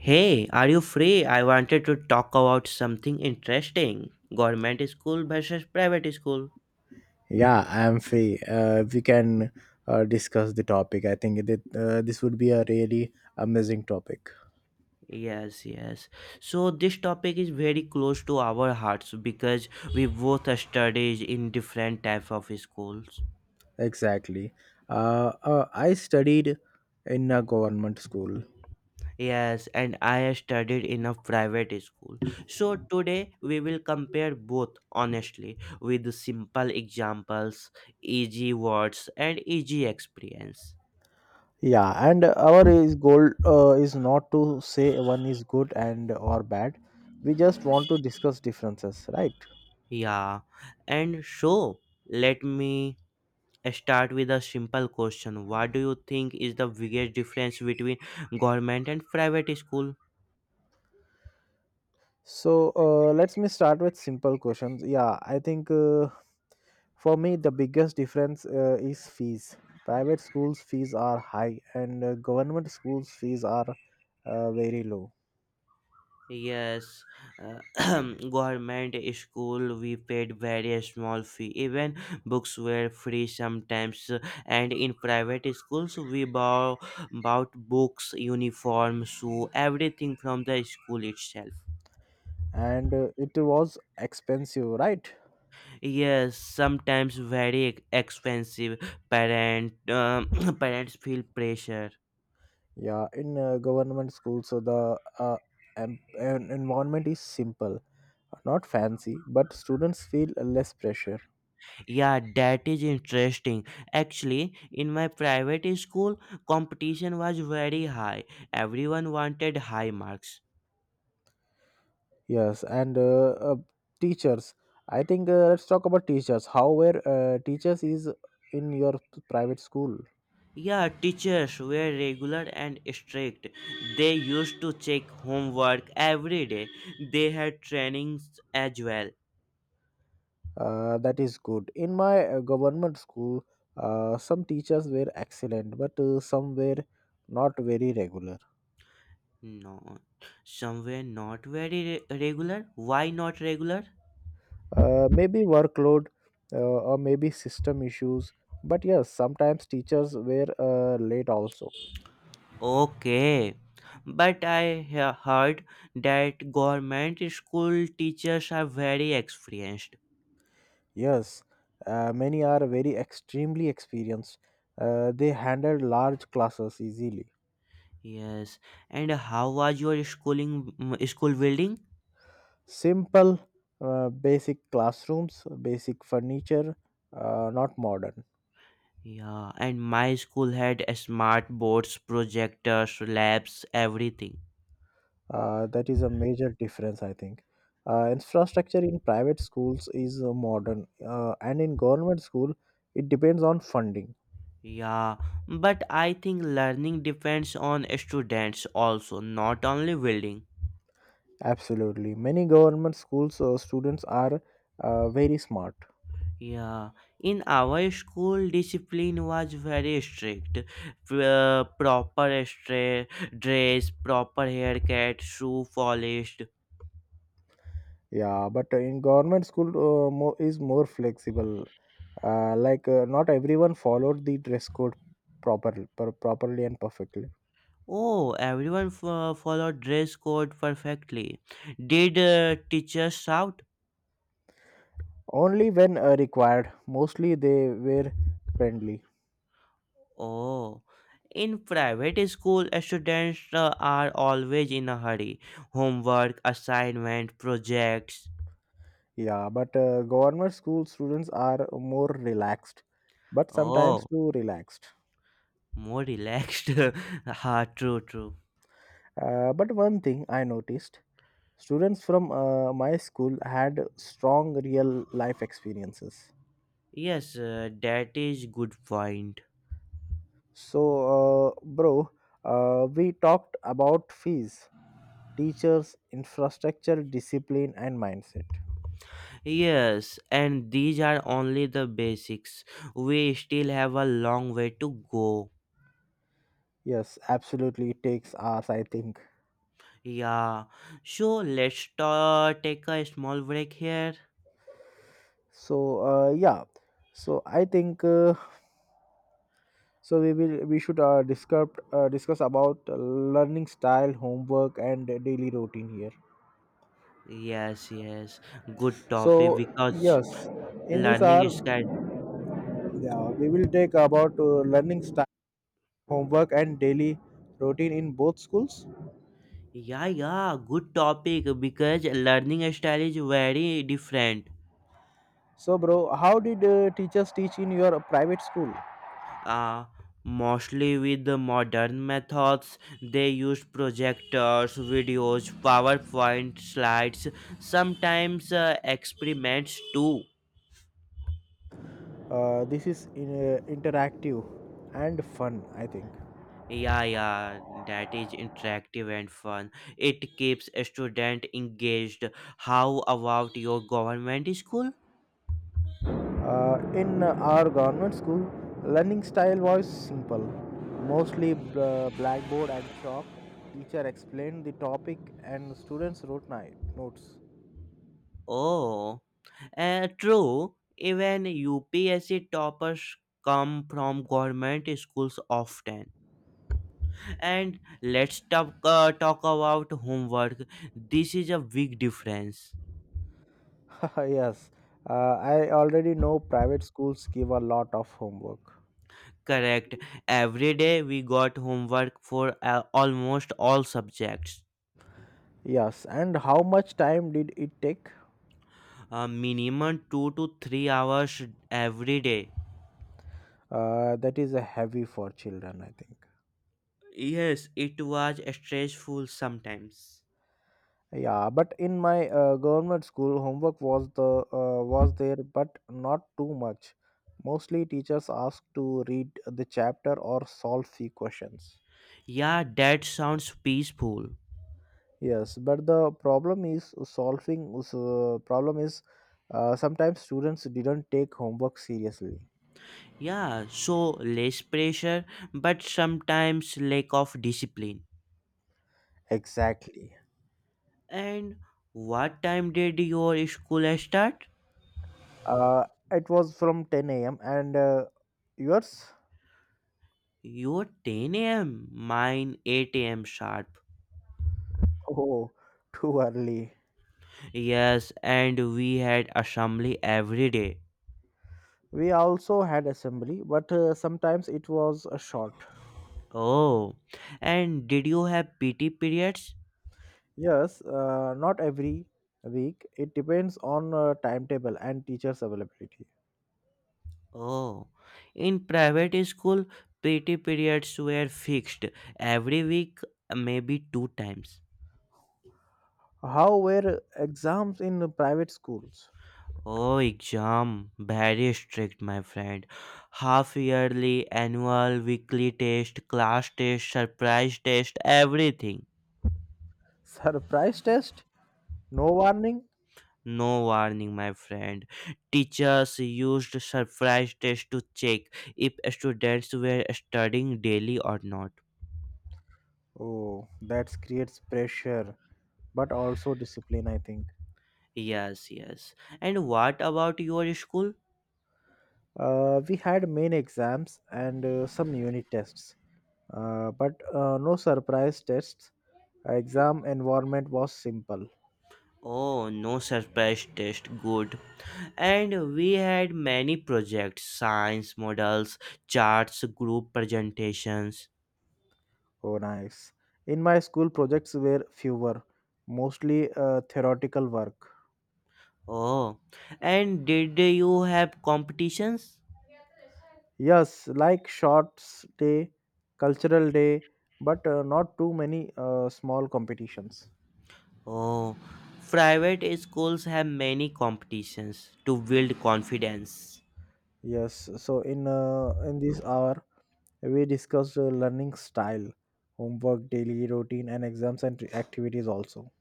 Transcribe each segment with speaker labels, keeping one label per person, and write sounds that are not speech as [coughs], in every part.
Speaker 1: Hey, are you free? I wanted to talk about something interesting. Government school versus private school.
Speaker 2: Yeah, I'm free. We can discuss the topic. I think that this would be a really amazing topic.
Speaker 1: Yes, yes. So this topic is very close to our hearts because we both studied in different type of schools.
Speaker 2: Exactly. I studied in a government school.
Speaker 1: Yes, and I studied in a private school. So today we will compare both honestly with simple examples, easy words and easy experience.
Speaker 2: Yeah, and our is goal is not to say one is good and or bad. We just want to discuss differences, right?
Speaker 1: Yeah, and so let me start with a simple question. What do you think is the biggest difference between government and private school?
Speaker 2: So let's me start with simple questions. Yeah, I think for me the biggest difference is fees. Private schools fees are high, and government schools fees are very low.
Speaker 1: Yes, uh, [clears throat] government school we paid very small fee. Even books were free sometimes, and in private schools we bought books, uniform, shoe, everything from the school itself.
Speaker 2: And it was expensive, right?
Speaker 1: Yes, sometimes very expensive. Parent, um, [clears throat] parents feel pressure.
Speaker 2: Yeah, in government schools, so the environment is simple, not fancy, but students feel less pressure.
Speaker 1: Yeah, that is interesting. Actually, in my private school, competition was very high. Everyone wanted high marks.
Speaker 2: Yes, and teachers. I think let's talk about teachers. How were teachers is in your private school?
Speaker 1: Yeah, teachers were regular and strict. They used to check homework every day. They had trainings as well.
Speaker 2: That is good. In my government school, some teachers were excellent, but some were not very regular.
Speaker 1: No, somewhere not very regular. Why not regular?
Speaker 2: Maybe workload or maybe system issues. But yes, sometimes teachers were late also.
Speaker 1: Okay, but I heard that government school teachers are very experienced.
Speaker 2: Yes, many are very extremely experienced. They handled large classes easily.
Speaker 1: Yes, and how was your school building?
Speaker 2: Simple, basic classrooms, basic furniture, not modern.
Speaker 1: Yeah, and my school had a smart boards, projectors, labs, everything.
Speaker 2: That is a major difference, I think. Infrastructure in private schools is modern, and in government school, it depends on funding.
Speaker 1: Yeah, but I think learning depends on students also, not only building.
Speaker 2: Absolutely, many government schools students are very smart.
Speaker 1: Yeah, in our school, discipline was very strict. Proper dress, proper haircut, shoe polished.
Speaker 2: Yeah, but in government school is more flexible. Like not everyone followed the dress code properly and perfectly.
Speaker 1: Oh, everyone followed dress code perfectly. Did teachers shout?
Speaker 2: Only when required. Mostly they were friendly.
Speaker 1: Oh, in private school, students are always in a hurry. Homework, assignment, projects.
Speaker 2: Yeah, but government school students are more relaxed, but sometimes
Speaker 1: Oh,
Speaker 2: too relaxed.
Speaker 1: more relaxed. [laughs] True, true.
Speaker 2: But one thing I noticed, students from my school had strong real life experiences.
Speaker 1: Yes, that is good point.
Speaker 2: So, bro, we talked about fees, teachers, infrastructure, discipline, and mindset.
Speaker 1: Yes, and these are only the basics. We still have a long way to go.
Speaker 2: Yes, absolutely. It takes hours, I think.
Speaker 1: Yeah. So let's take a small break here.
Speaker 2: So yeah, so I think so we should discuss about learning style, homework, and daily routine here.
Speaker 1: Yes, yes. Good topic
Speaker 2: So
Speaker 1: because
Speaker 2: yes, in this hour,
Speaker 1: learning style.
Speaker 2: yeah, we will take about learning style, homework, and daily routine in both schools.
Speaker 1: Yeah, yeah. Good topic because learning style is very different.
Speaker 2: So, bro, how did teachers teach in your private school?
Speaker 1: uh, Mostly with the modern methods. They use projectors, videos, PowerPoint slides, sometimes experiments too.
Speaker 2: This is interactive and fun, I think.
Speaker 1: Yeah, yeah, that is interactive and fun. It keeps a student engaged. How about your government school?
Speaker 2: In our government school, learning style was simple, mostly blackboard and chalk. Teacher explained the topic and students wrote notes.
Speaker 1: Oh, true. Even UPSC toppers come from government schools often. And let's talk about homework. This is a big difference.
Speaker 2: [laughs] Yes, I already know private schools give a lot of homework.
Speaker 1: Correct. Every day we got homework for almost all subjects.
Speaker 2: Yes, and how much time did it take?
Speaker 1: A minimum 2 to 3 hours every day.
Speaker 2: That is a heavy for children, I think.
Speaker 1: Yes, it was stressful sometimes.
Speaker 2: Yeah, but in my government school, homework was there, but not too much. Mostly, teachers asked to read the chapter or solve few questions.
Speaker 1: Yeah, that sounds peaceful.
Speaker 2: Yes, but the problem is solving. Problem is sometimes students didn't take homework seriously.
Speaker 1: Yeah, so less pressure, but sometimes lack of discipline.
Speaker 2: Exactly.
Speaker 1: And what time did your school start?
Speaker 2: Uh, it was from 10 a.m. and yours?
Speaker 1: Your 10 a.m., mine 8 a.m. sharp.
Speaker 2: Oh, too early.
Speaker 1: Yes, and we had assembly every day.
Speaker 2: We also had assembly, but sometimes it was a short.
Speaker 1: Oh, and did you have PT periods?
Speaker 2: Yes, not every week. It depends on timetable and teachers' availability.
Speaker 1: Oh, in private school, PT periods were fixed every week, maybe two times.
Speaker 2: How were exams in private schools?
Speaker 1: Oh, exam, very strict, my friend. Half yearly, annual, weekly test, class test, surprise test, everything.
Speaker 2: [laughs] Surprise test? No warning?
Speaker 1: No warning, my friend. Teachers used surprise tests to check if students were studying daily or not.
Speaker 2: Oh, that creates pressure, but also discipline, I think.
Speaker 1: Yes, yes. And what about your school?
Speaker 2: We had main exams and some unit tests, but no surprise tests. Exam environment was simple.
Speaker 1: Oh, no surprise test. Good. And we had many projects science models, charts, group presentations.
Speaker 2: Oh, nice. In my school, projects were fewer, mostly theoretical work.
Speaker 1: Oh, and did you have competitions?
Speaker 2: Yes, like shorts day, cultural day, but not too many small competitions.
Speaker 1: Oh, private schools have many competitions to build confidence.
Speaker 2: Yes, so in this hour we discussed learning style, homework, daily routine, and exams and activities also.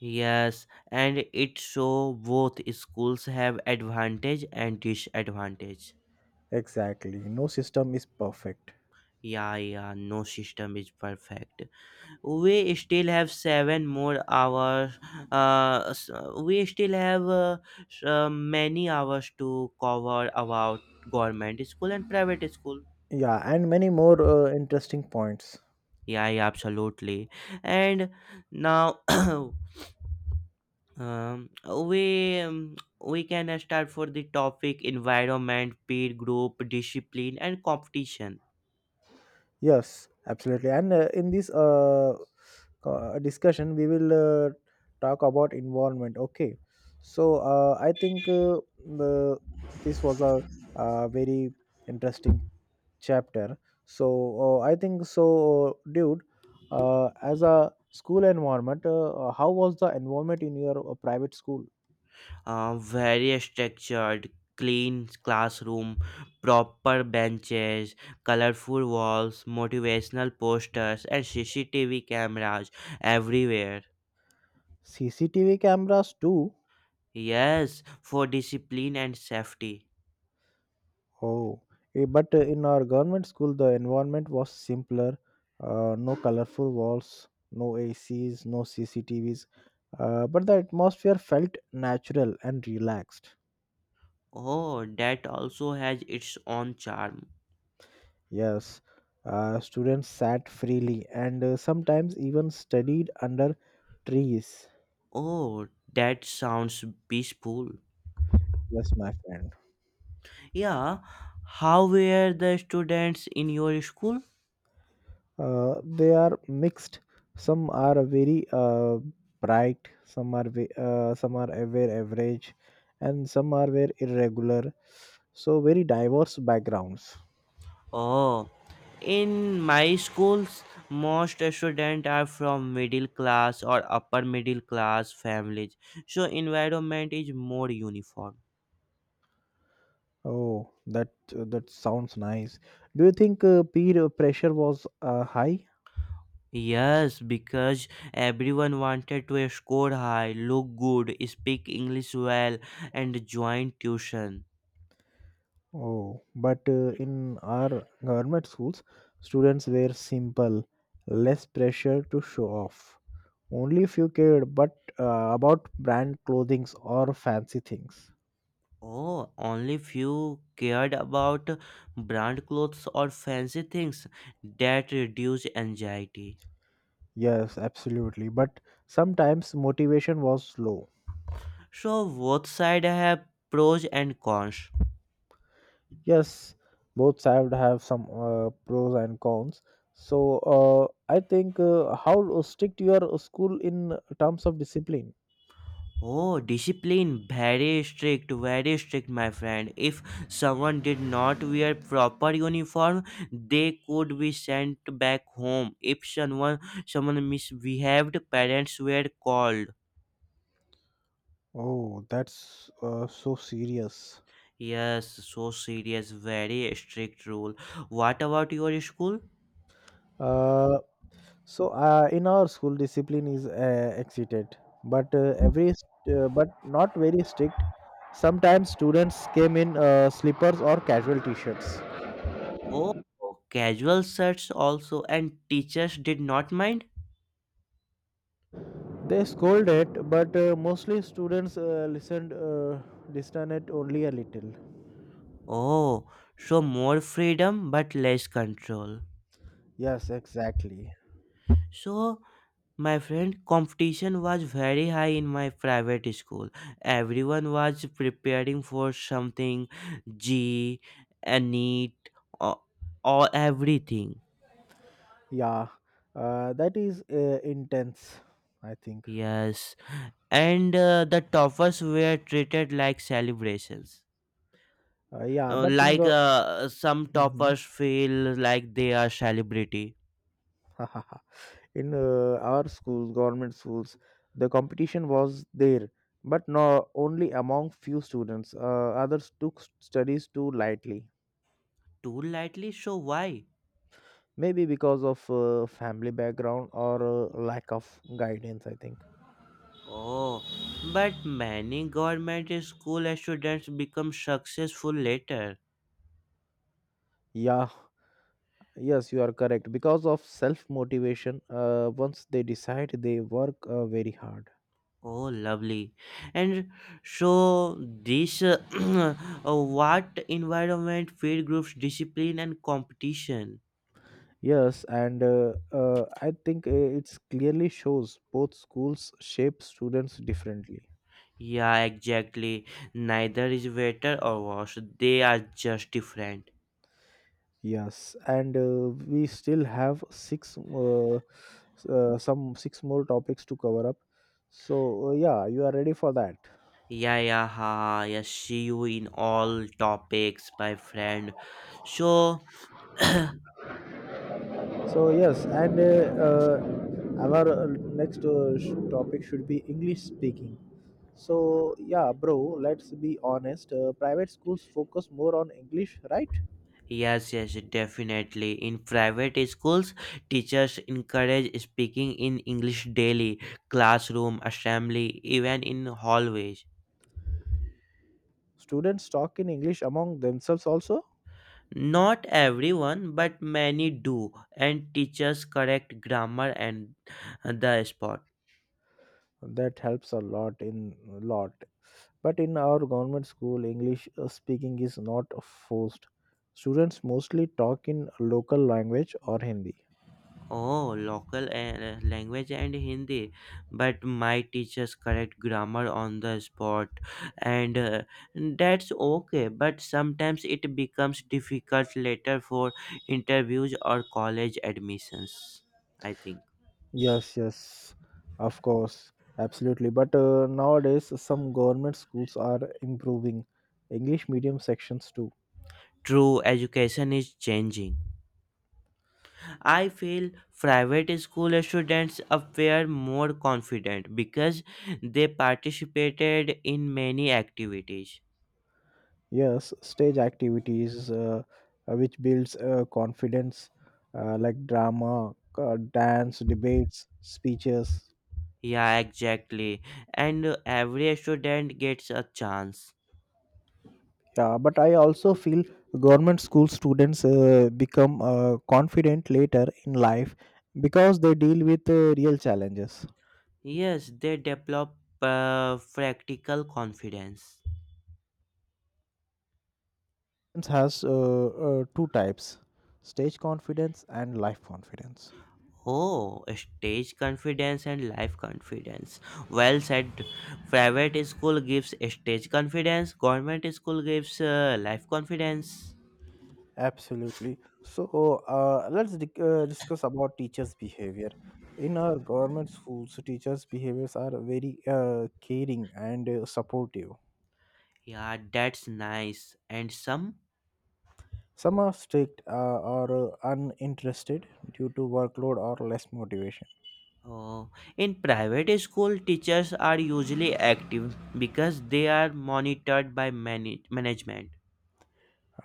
Speaker 1: Yes, and it so both schools have advantage and disadvantage.
Speaker 2: Exactly, no system is perfect.
Speaker 1: Yeah, yeah, no system is perfect. We still have seven more hours. Uh, s- we still have many hours to cover about government school and private school.
Speaker 2: Yeah, and many more interesting points.
Speaker 1: Yeah, yeah, absolutely. And now [clears throat] Um, we can start for the topic environment, peer group, discipline, and competition.
Speaker 2: Yes, absolutely. And in this discussion, we will talk about environment. Okay. So I think the this was very interesting chapter. So I think so, dude. As a school environment, how was the environment in your private school?
Speaker 1: Very structured, clean classroom, proper benches, colorful walls, motivational posters, and CCTV cameras everywhere.
Speaker 2: CCTV cameras too.
Speaker 1: Yes, for discipline and safety.
Speaker 2: Oh, but in our government school, the environment was simpler. No colorful walls, no ACs, no CCTVs. But the atmosphere felt natural and relaxed.
Speaker 1: Oh, that also has its own charm.
Speaker 2: Yes, students sat freely and sometimes even studied under trees.
Speaker 1: Oh, that sounds peaceful.
Speaker 2: Yes, my friend.
Speaker 1: Yeah, how were the students in your school?
Speaker 2: They are mixed. Some are very bright, some are very average, and some are very irregular. So very diverse backgrounds.
Speaker 1: Oh, in my schools, most students are from middle class or upper middle class families, so environment is more uniform.
Speaker 2: Oh, that sounds nice. Do you think peer pressure was high?
Speaker 1: Yes, because everyone wanted to score high, look good, speak English well, and join tuition.
Speaker 2: Oh, but in our government schools, students were simple, less pressure to show off. Only few cared, but about brand clothings or fancy things.
Speaker 1: Oh, only few cared about brand clothes or fancy things that reduce anxiety.
Speaker 2: Yes, absolutely. But sometimes motivation was low.
Speaker 1: So both sides have pros and cons.
Speaker 2: Yes, both sides have some pros and cons. So I think how strict your school in terms of discipline.
Speaker 1: Oh, discipline very strict, my friend. If someone did not wear proper uniform, they could be sent back home. If someone misbehaved, parents were called.
Speaker 2: Oh, that's so serious.
Speaker 1: Yes, so serious, very strict rule. What about your school?
Speaker 2: Uh, So in our school, discipline is exceeded, but uh, every but not very strict. Sometimes students came in slippers or casual t-shirts.
Speaker 1: Oh, casual shirts also, and teachers did not mind?
Speaker 2: They scolded, but mostly students listened distant only a little.
Speaker 1: Oh, so more freedom but less control.
Speaker 2: Yes, exactly.
Speaker 1: So, my friend, competition was very high in my private school. Everyone was preparing for something, G, a NEET, or, or everything.
Speaker 2: Yeah, that is intense. I think.
Speaker 1: Yes, and the toppers were treated like celebrations.
Speaker 2: Yeah,
Speaker 1: Uh,
Speaker 2: but in
Speaker 1: like
Speaker 2: go.
Speaker 1: uh, some
Speaker 2: Mhm.
Speaker 1: toppers feel like they are celebrity
Speaker 2: [laughs] In our schools, government schools, the competition was there, but not only among few students. Others took studies too lightly.
Speaker 1: too lightly, so why?
Speaker 2: Maybe because of family background or lack of guidance, I think.
Speaker 1: Oh, but many government school students become successful later.
Speaker 2: Yeah, yes, you are correct because of self motivation. Once they decide, they work very hard.
Speaker 1: Oh, lovely. And so this, [clears throat] what environment, fear groups, discipline and competition.
Speaker 2: Yes, and I think it's clearly shows both schools shape students differently.
Speaker 1: Yeah, exactly, neither is better or worse, they are just different.
Speaker 2: Yes, and we still have some six more topics to cover up. So yeah, you are ready for that.
Speaker 1: Yayaha, yes, see you in all topics, my friend. So, [clears throat]
Speaker 2: So yes, and our next topic should be English speaking. So yeah, bro, let's be honest. Private schools focus more on English, right?
Speaker 1: yes, yes, definitely. In private schools, teachers encourage speaking in English daily, classroom, assembly, even in hallways.
Speaker 2: Students talk in English among themselves also.
Speaker 1: Not everyone, but many do, and teachers correct grammar and the spot.
Speaker 2: That helps a lot in lot. But in our government school, English speaking is not forced. Students mostly talk in local language or Hindi.
Speaker 1: Oh, local language and Hindi, but my teachers correct grammar on the spot, and that's okay. But sometimes it becomes difficult later for interviews or college admissions. I think
Speaker 2: Yes, yes, of course, absolutely. But nowadays, some government schools are improving English medium sections too.
Speaker 1: true education is changing. I feel private school students appear more confident because they participated in many activities.
Speaker 2: Yes, stage activities which builds confidence, like drama, dance, debates, speeches.
Speaker 1: Yeah, exactly. And every student gets a chance.
Speaker 2: Yeah, but I also feel government school students become confident later in life because they deal with real challenges.
Speaker 1: Yes, they develop practical confidence.
Speaker 2: Confidence has two types: stage confidence and life confidence.
Speaker 1: Oh, stage confidence and life confidence. Well said. Private school gives stage confidence, government school gives life confidence.
Speaker 2: Absolutely. So let's dic discuss about teachers' behavior. In our government schools, teachers' behaviors are very caring and supportive.
Speaker 1: Yeah, that's nice. And some?
Speaker 2: Some are strict or uninterested due to workload or less motivation.
Speaker 1: Oh, in private school, teachers are usually active because they are monitored by management.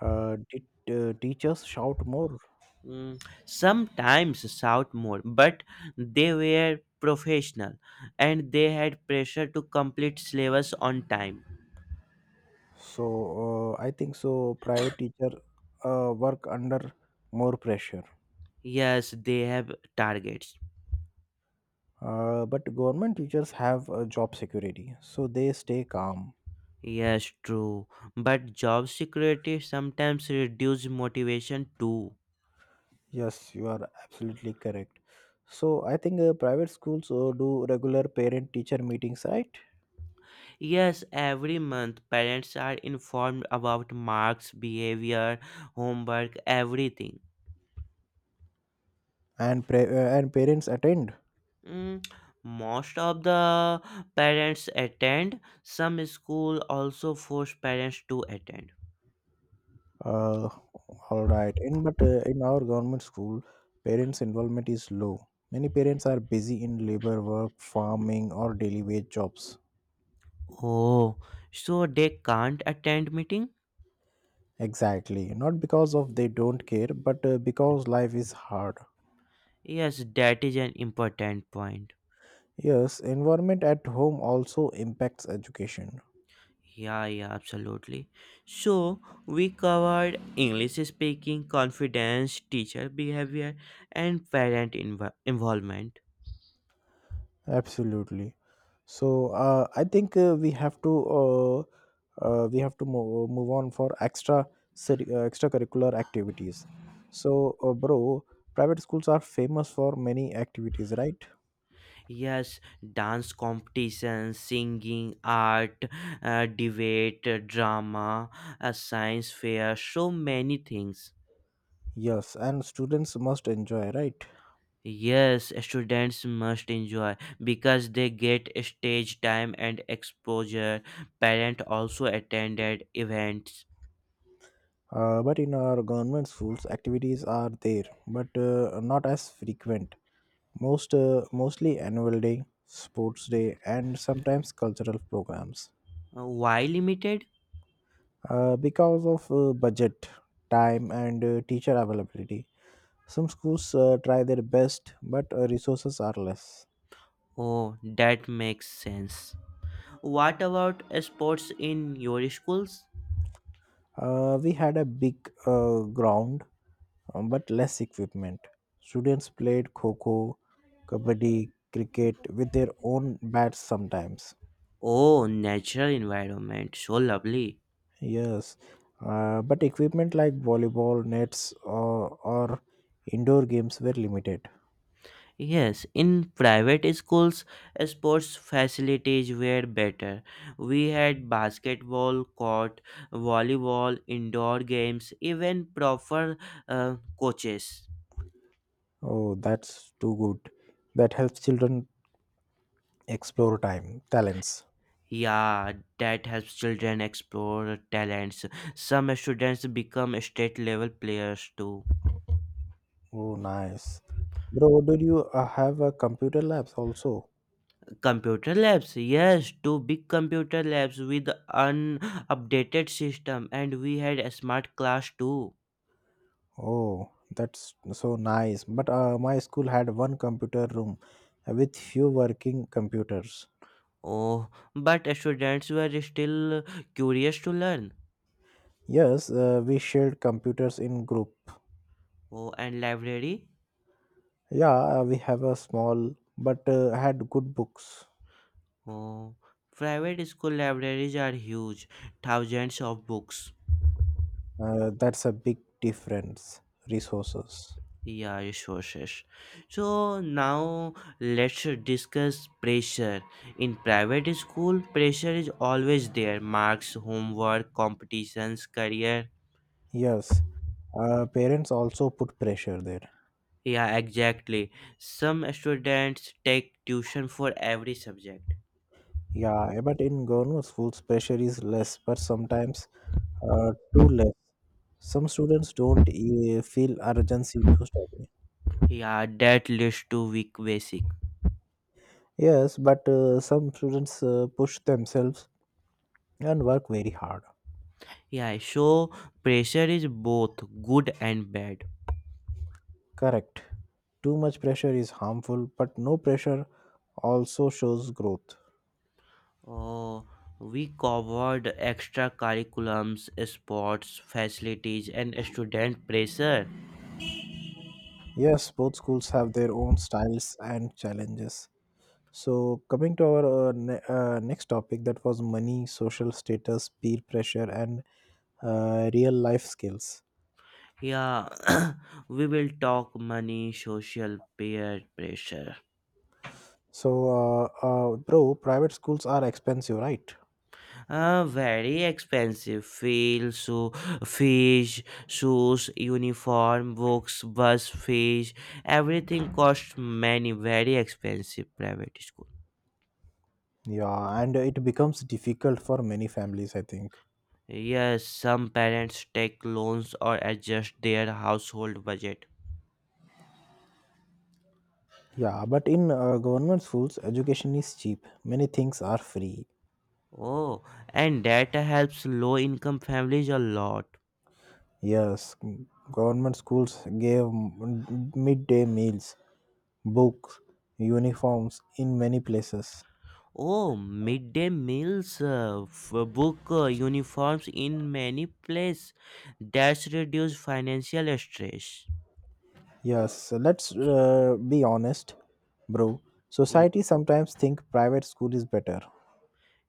Speaker 2: Did teachers shout more?
Speaker 1: Mm, sometimes shout more, but they were professional and they had pressure to complete syllabus on time.
Speaker 2: So I think so. Private teacher work under more pressure,
Speaker 1: Yes, they have targets.
Speaker 2: but government teachers have job security, so they stay calm.
Speaker 1: Yes, true. But job security sometimes reduce motivation too.
Speaker 2: Yes, you are absolutely correct. So I think private schools do regular parent-teacher meetings, right?
Speaker 1: Yes, every month parents are informed about marks, behavior, homework, everything.
Speaker 2: And parents attend.
Speaker 1: Mm, most of the parents attend. Some school also force parents to attend.
Speaker 2: Uh, all right. In our government school, parents' involvement is low. Many parents are busy in labor work, farming, or daily wage jobs.
Speaker 1: Oh, so they can't attend meeting?
Speaker 2: Exactly. Not because of they don't care, but because life is hard.
Speaker 1: Yes, that is an important point.
Speaker 2: Yes, environment at home also impacts education.
Speaker 1: Yeah, yeah, absolutely. So we covered English speaking, confidence, teacher behavior, and parent involvement.
Speaker 2: Absolutely. So I think we have to move on for extracurricular activities. So, bro, private schools are famous for many activities, right?
Speaker 1: Yes, dance competitions, singing, art, debate, drama, a science fair, so many things.
Speaker 2: Yes, and students must enjoy, right?
Speaker 1: Yes, students must enjoy because they get stage time and exposure. Parent also attended events.
Speaker 2: But in our government schools, activities are there, but not as frequent. Mostly annual day, sports day, and sometimes cultural programs.
Speaker 1: Why limited?
Speaker 2: Because of budget, time, and teacher availability, some schools try their best, but resources are less.
Speaker 1: Oh, that makes sense. What about sports in your schools?
Speaker 2: We had a big ground, but less equipment. Students played kho kho, kabaddi, cricket with their own bats sometimes.
Speaker 1: Oh, natural environment, so lovely.
Speaker 2: Yes, but equipment like volleyball nets or indoor games were limited.
Speaker 1: Yes, in private schools, sports facilities were better. We had basketball court, volleyball, indoor games, even proper coaches.
Speaker 2: Oh, that's too good. That helps children explore time, talents.
Speaker 1: Yeah, that helps children explore talents. Some students become state level players too.
Speaker 2: Oh, nice. Bro, do you have a computer labs also?
Speaker 1: Computer labs, yes, two big computer labs with an updated system, and we had a smart class too.
Speaker 2: Oh, that's so nice. But my school had one computer room with few working computers.
Speaker 1: Oh, but students were still curious to learn.
Speaker 2: Yes, we shared computers in group.
Speaker 1: Oh, and library.
Speaker 2: Yeah, we have a small but had good books.
Speaker 1: Oh, private school libraries are huge, thousands of books.
Speaker 2: That's a big difference. Resources.
Speaker 1: Yeah, resources. So now let's discuss pressure. In private school, pressure is always there. Marks, homework, competitions, career.
Speaker 2: Yes, parents also put pressure there.
Speaker 1: Yeah, exactly. Some students take tuition for every subject.
Speaker 2: Yeah, but in government schools, pressure is less, but sometimes too less. Some students don't feel urgency to study.
Speaker 1: Yeah, that leads to weak basic.
Speaker 2: Yes, but some students push themselves and work very hard.
Speaker 1: Yeah, so pressure is both good and bad.
Speaker 2: Correct. Too much pressure is harmful, but no pressure also shows growth.
Speaker 1: Oh, we covered extra curriculums, sports, facilities, and student pressure.
Speaker 2: Yes, both schools have their own styles and challenges. So, coming to our next topic, that was money, social status, peer pressure, and real life skills.
Speaker 1: Yeah, [coughs] [clears throat] we will talk money, social peer pressure.
Speaker 2: So, bro, private schools are expensive, right?
Speaker 1: Very expensive fees, so fees, shoes, uniform, books, bus fees, everything costs many, very expensive private schools.
Speaker 2: Yeah, and it becomes difficult for many families, I think.
Speaker 1: Yes, some parents take loans or adjust their household budget.
Speaker 2: Yeah, but in government schools, education is cheap. Many things are free.
Speaker 1: Oh, and that helps low income families a lot.
Speaker 2: Yes, government schools gave midday meals, books, uniforms in many places.
Speaker 1: Oh, midday meals, book uniforms in many places. That's reduce financial stress.
Speaker 2: Yes, so let's be honest, bro.
Speaker 1: Ye-
Speaker 2: Society sometimes think private school is better.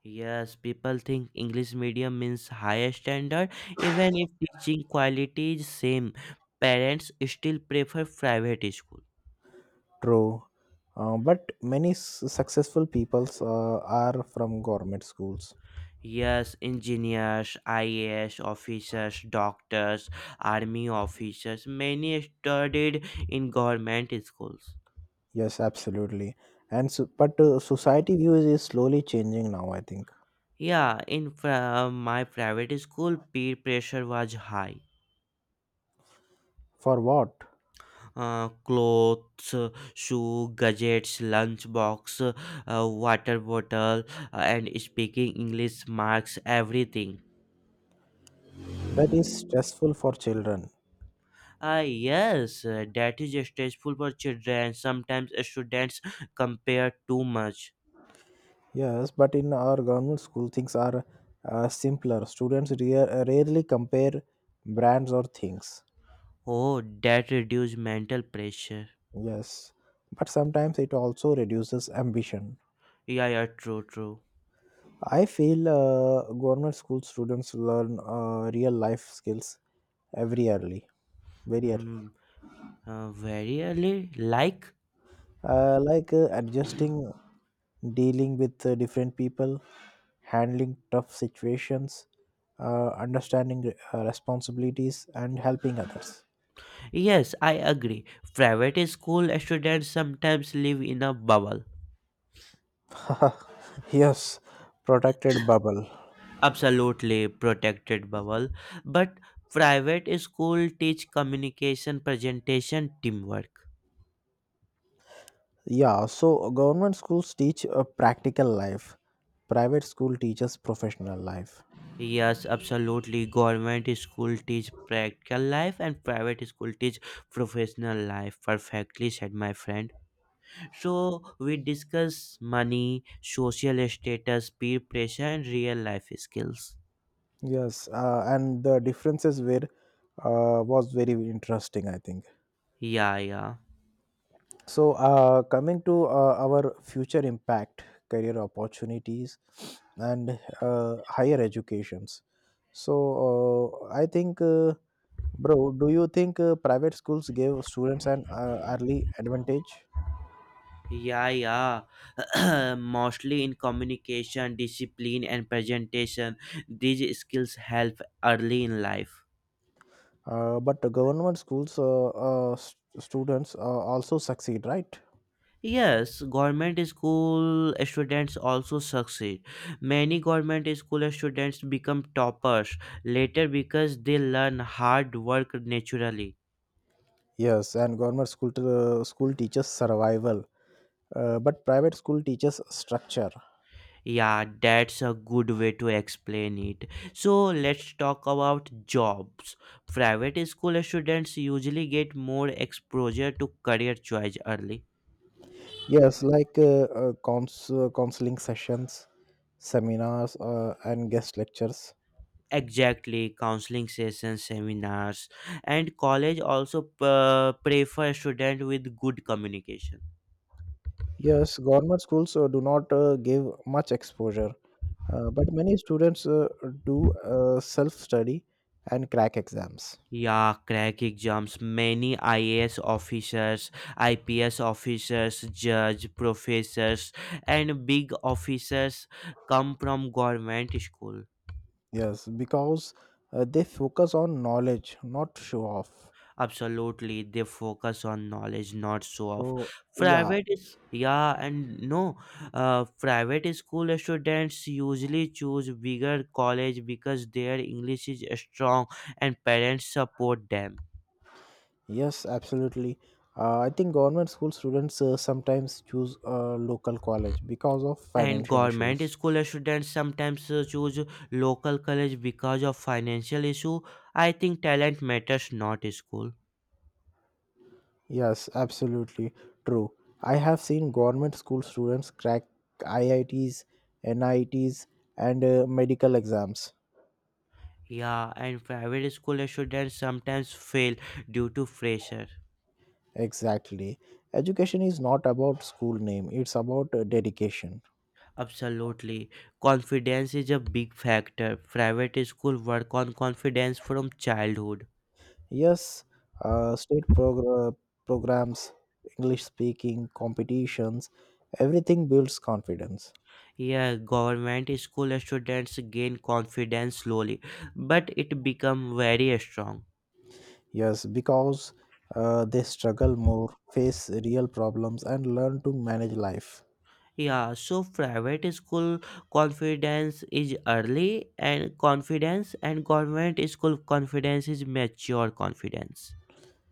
Speaker 1: Yes, people think English medium means higher standard, even if teaching quality is same. Parents still prefer private school.
Speaker 2: True. But many successful peoples are from government schools.
Speaker 1: Yes, engineers, IAS officers, doctors, army officers, many studied in government schools.
Speaker 2: Yes, absolutely. And so, but society views is slowly changing now, I think.
Speaker 1: Yeah, in my private school, peer pressure was high.
Speaker 2: For what?
Speaker 1: Clothes, shoe, gadgets, lunchbox, water bottle, and speaking English marks, everything.
Speaker 2: That is stressful for children.
Speaker 1: Ah, yes, that is stressful for children. Sometimes students compare too much.
Speaker 2: Yes, but in our government school, things are simpler. Students rarely compare brands or things.
Speaker 1: Oh, that reduce mental pressure.
Speaker 2: Yes, but sometimes it also reduces ambition.
Speaker 1: Yeah, yeah, true, true.
Speaker 2: I feel government school students learn real life skills every early, very early,
Speaker 1: Mm, Very early, like.
Speaker 2: like
Speaker 1: [clears throat]
Speaker 2: adjusting, dealing with different people, handling tough situations, understanding responsibilities, and helping others.
Speaker 1: Yes, I agree. Private school students sometimes live in a bubble,
Speaker 2: [laughs] Yes, protected bubble.
Speaker 1: absolutely protected bubble. But private school teach communication, presentation, teamwork.
Speaker 2: Yeah, so government schools teach a practical life. Private school teaches professional life.
Speaker 1: Yes, absolutely. Government school teach practical life and private school teach professional life. Perfectly said my friend. So we discuss money, social status, peer pressure, and real life skills.
Speaker 2: Yes, and the differences were was very interesting, I think.
Speaker 1: Yeah, yeah.
Speaker 2: So, coming to our future impact, career opportunities, and higher educations. So, I think, bro, do you think private schools give students an early advantage?
Speaker 1: Yeah, yeah. [clears throat] Mostly in communication, discipline, and presentation, these skills help early in life.
Speaker 2: But the government schools students also succeed, right?
Speaker 1: Yes, government school students also succeed. Many government school students become toppers later because they learn hard work naturally.
Speaker 2: Yes, and government school teaches survival, but private school teaches structure.
Speaker 1: Yeah, that's a good way to explain it. So let's talk about jobs. Private school students usually get more exposure to career choice early.
Speaker 2: Yes, like counseling sessions, seminars, and guest lectures.
Speaker 1: Exactly, counseling sessions, seminars, and college also prefer students with good communication.
Speaker 2: Yes, government schools do not give much exposure, but many students do self study and crack exams.
Speaker 1: Yeah, crack exams. Many IAS officers, IPS officers, judge, professors, and big officers come from government school.
Speaker 2: Yes, because they focus on knowledge, not show off.
Speaker 1: Absolutely, they focus on knowledge, not show off.
Speaker 2: So, yeah,
Speaker 1: Private is yeah, and no, private school students usually choose bigger college because their English is strong and parents support them.
Speaker 2: yes, absolutely. I think government school students sometimes choose a local college because of
Speaker 1: And
Speaker 2: financial
Speaker 1: government
Speaker 2: issues.
Speaker 1: school students sometimes choose local college because of financial issue. I think talent matters not school.
Speaker 2: Yes, absolutely true. I have seen government school students crack IITs, NITs, and medical exams.
Speaker 1: Yeah, and private school students sometimes fail due to pressure.
Speaker 2: Exactly. Education is not about school name, it's about dedication.
Speaker 1: Absolutely, confidence is a big factor. Private school work on confidence from childhood.
Speaker 2: Yes, state programs, English speaking competitions, everything builds confidence.
Speaker 1: Yeah, government school students gain confidence slowly but it become very strong.
Speaker 2: Yes, because they struggle more, face real problems, and learn to manage life.
Speaker 1: Yeah, so private school confidence is early and confidence and government school confidence is mature confidence.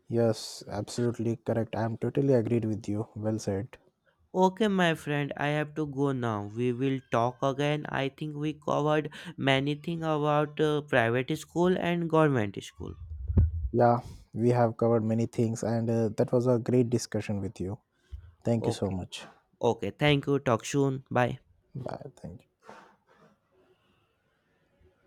Speaker 2: Yes, absolutely correct. I'm totally agreed with you. Well said.
Speaker 1: Okay, my friend, I have to go now. We will talk again. I think we covered many things about private school and government school.
Speaker 2: Yeah, we have covered many things, and that was a great discussion with you. Thank you so
Speaker 1: Okay,
Speaker 2: much.
Speaker 1: okay, thank you. Talk soon. Bye.
Speaker 2: Bye. Thank you.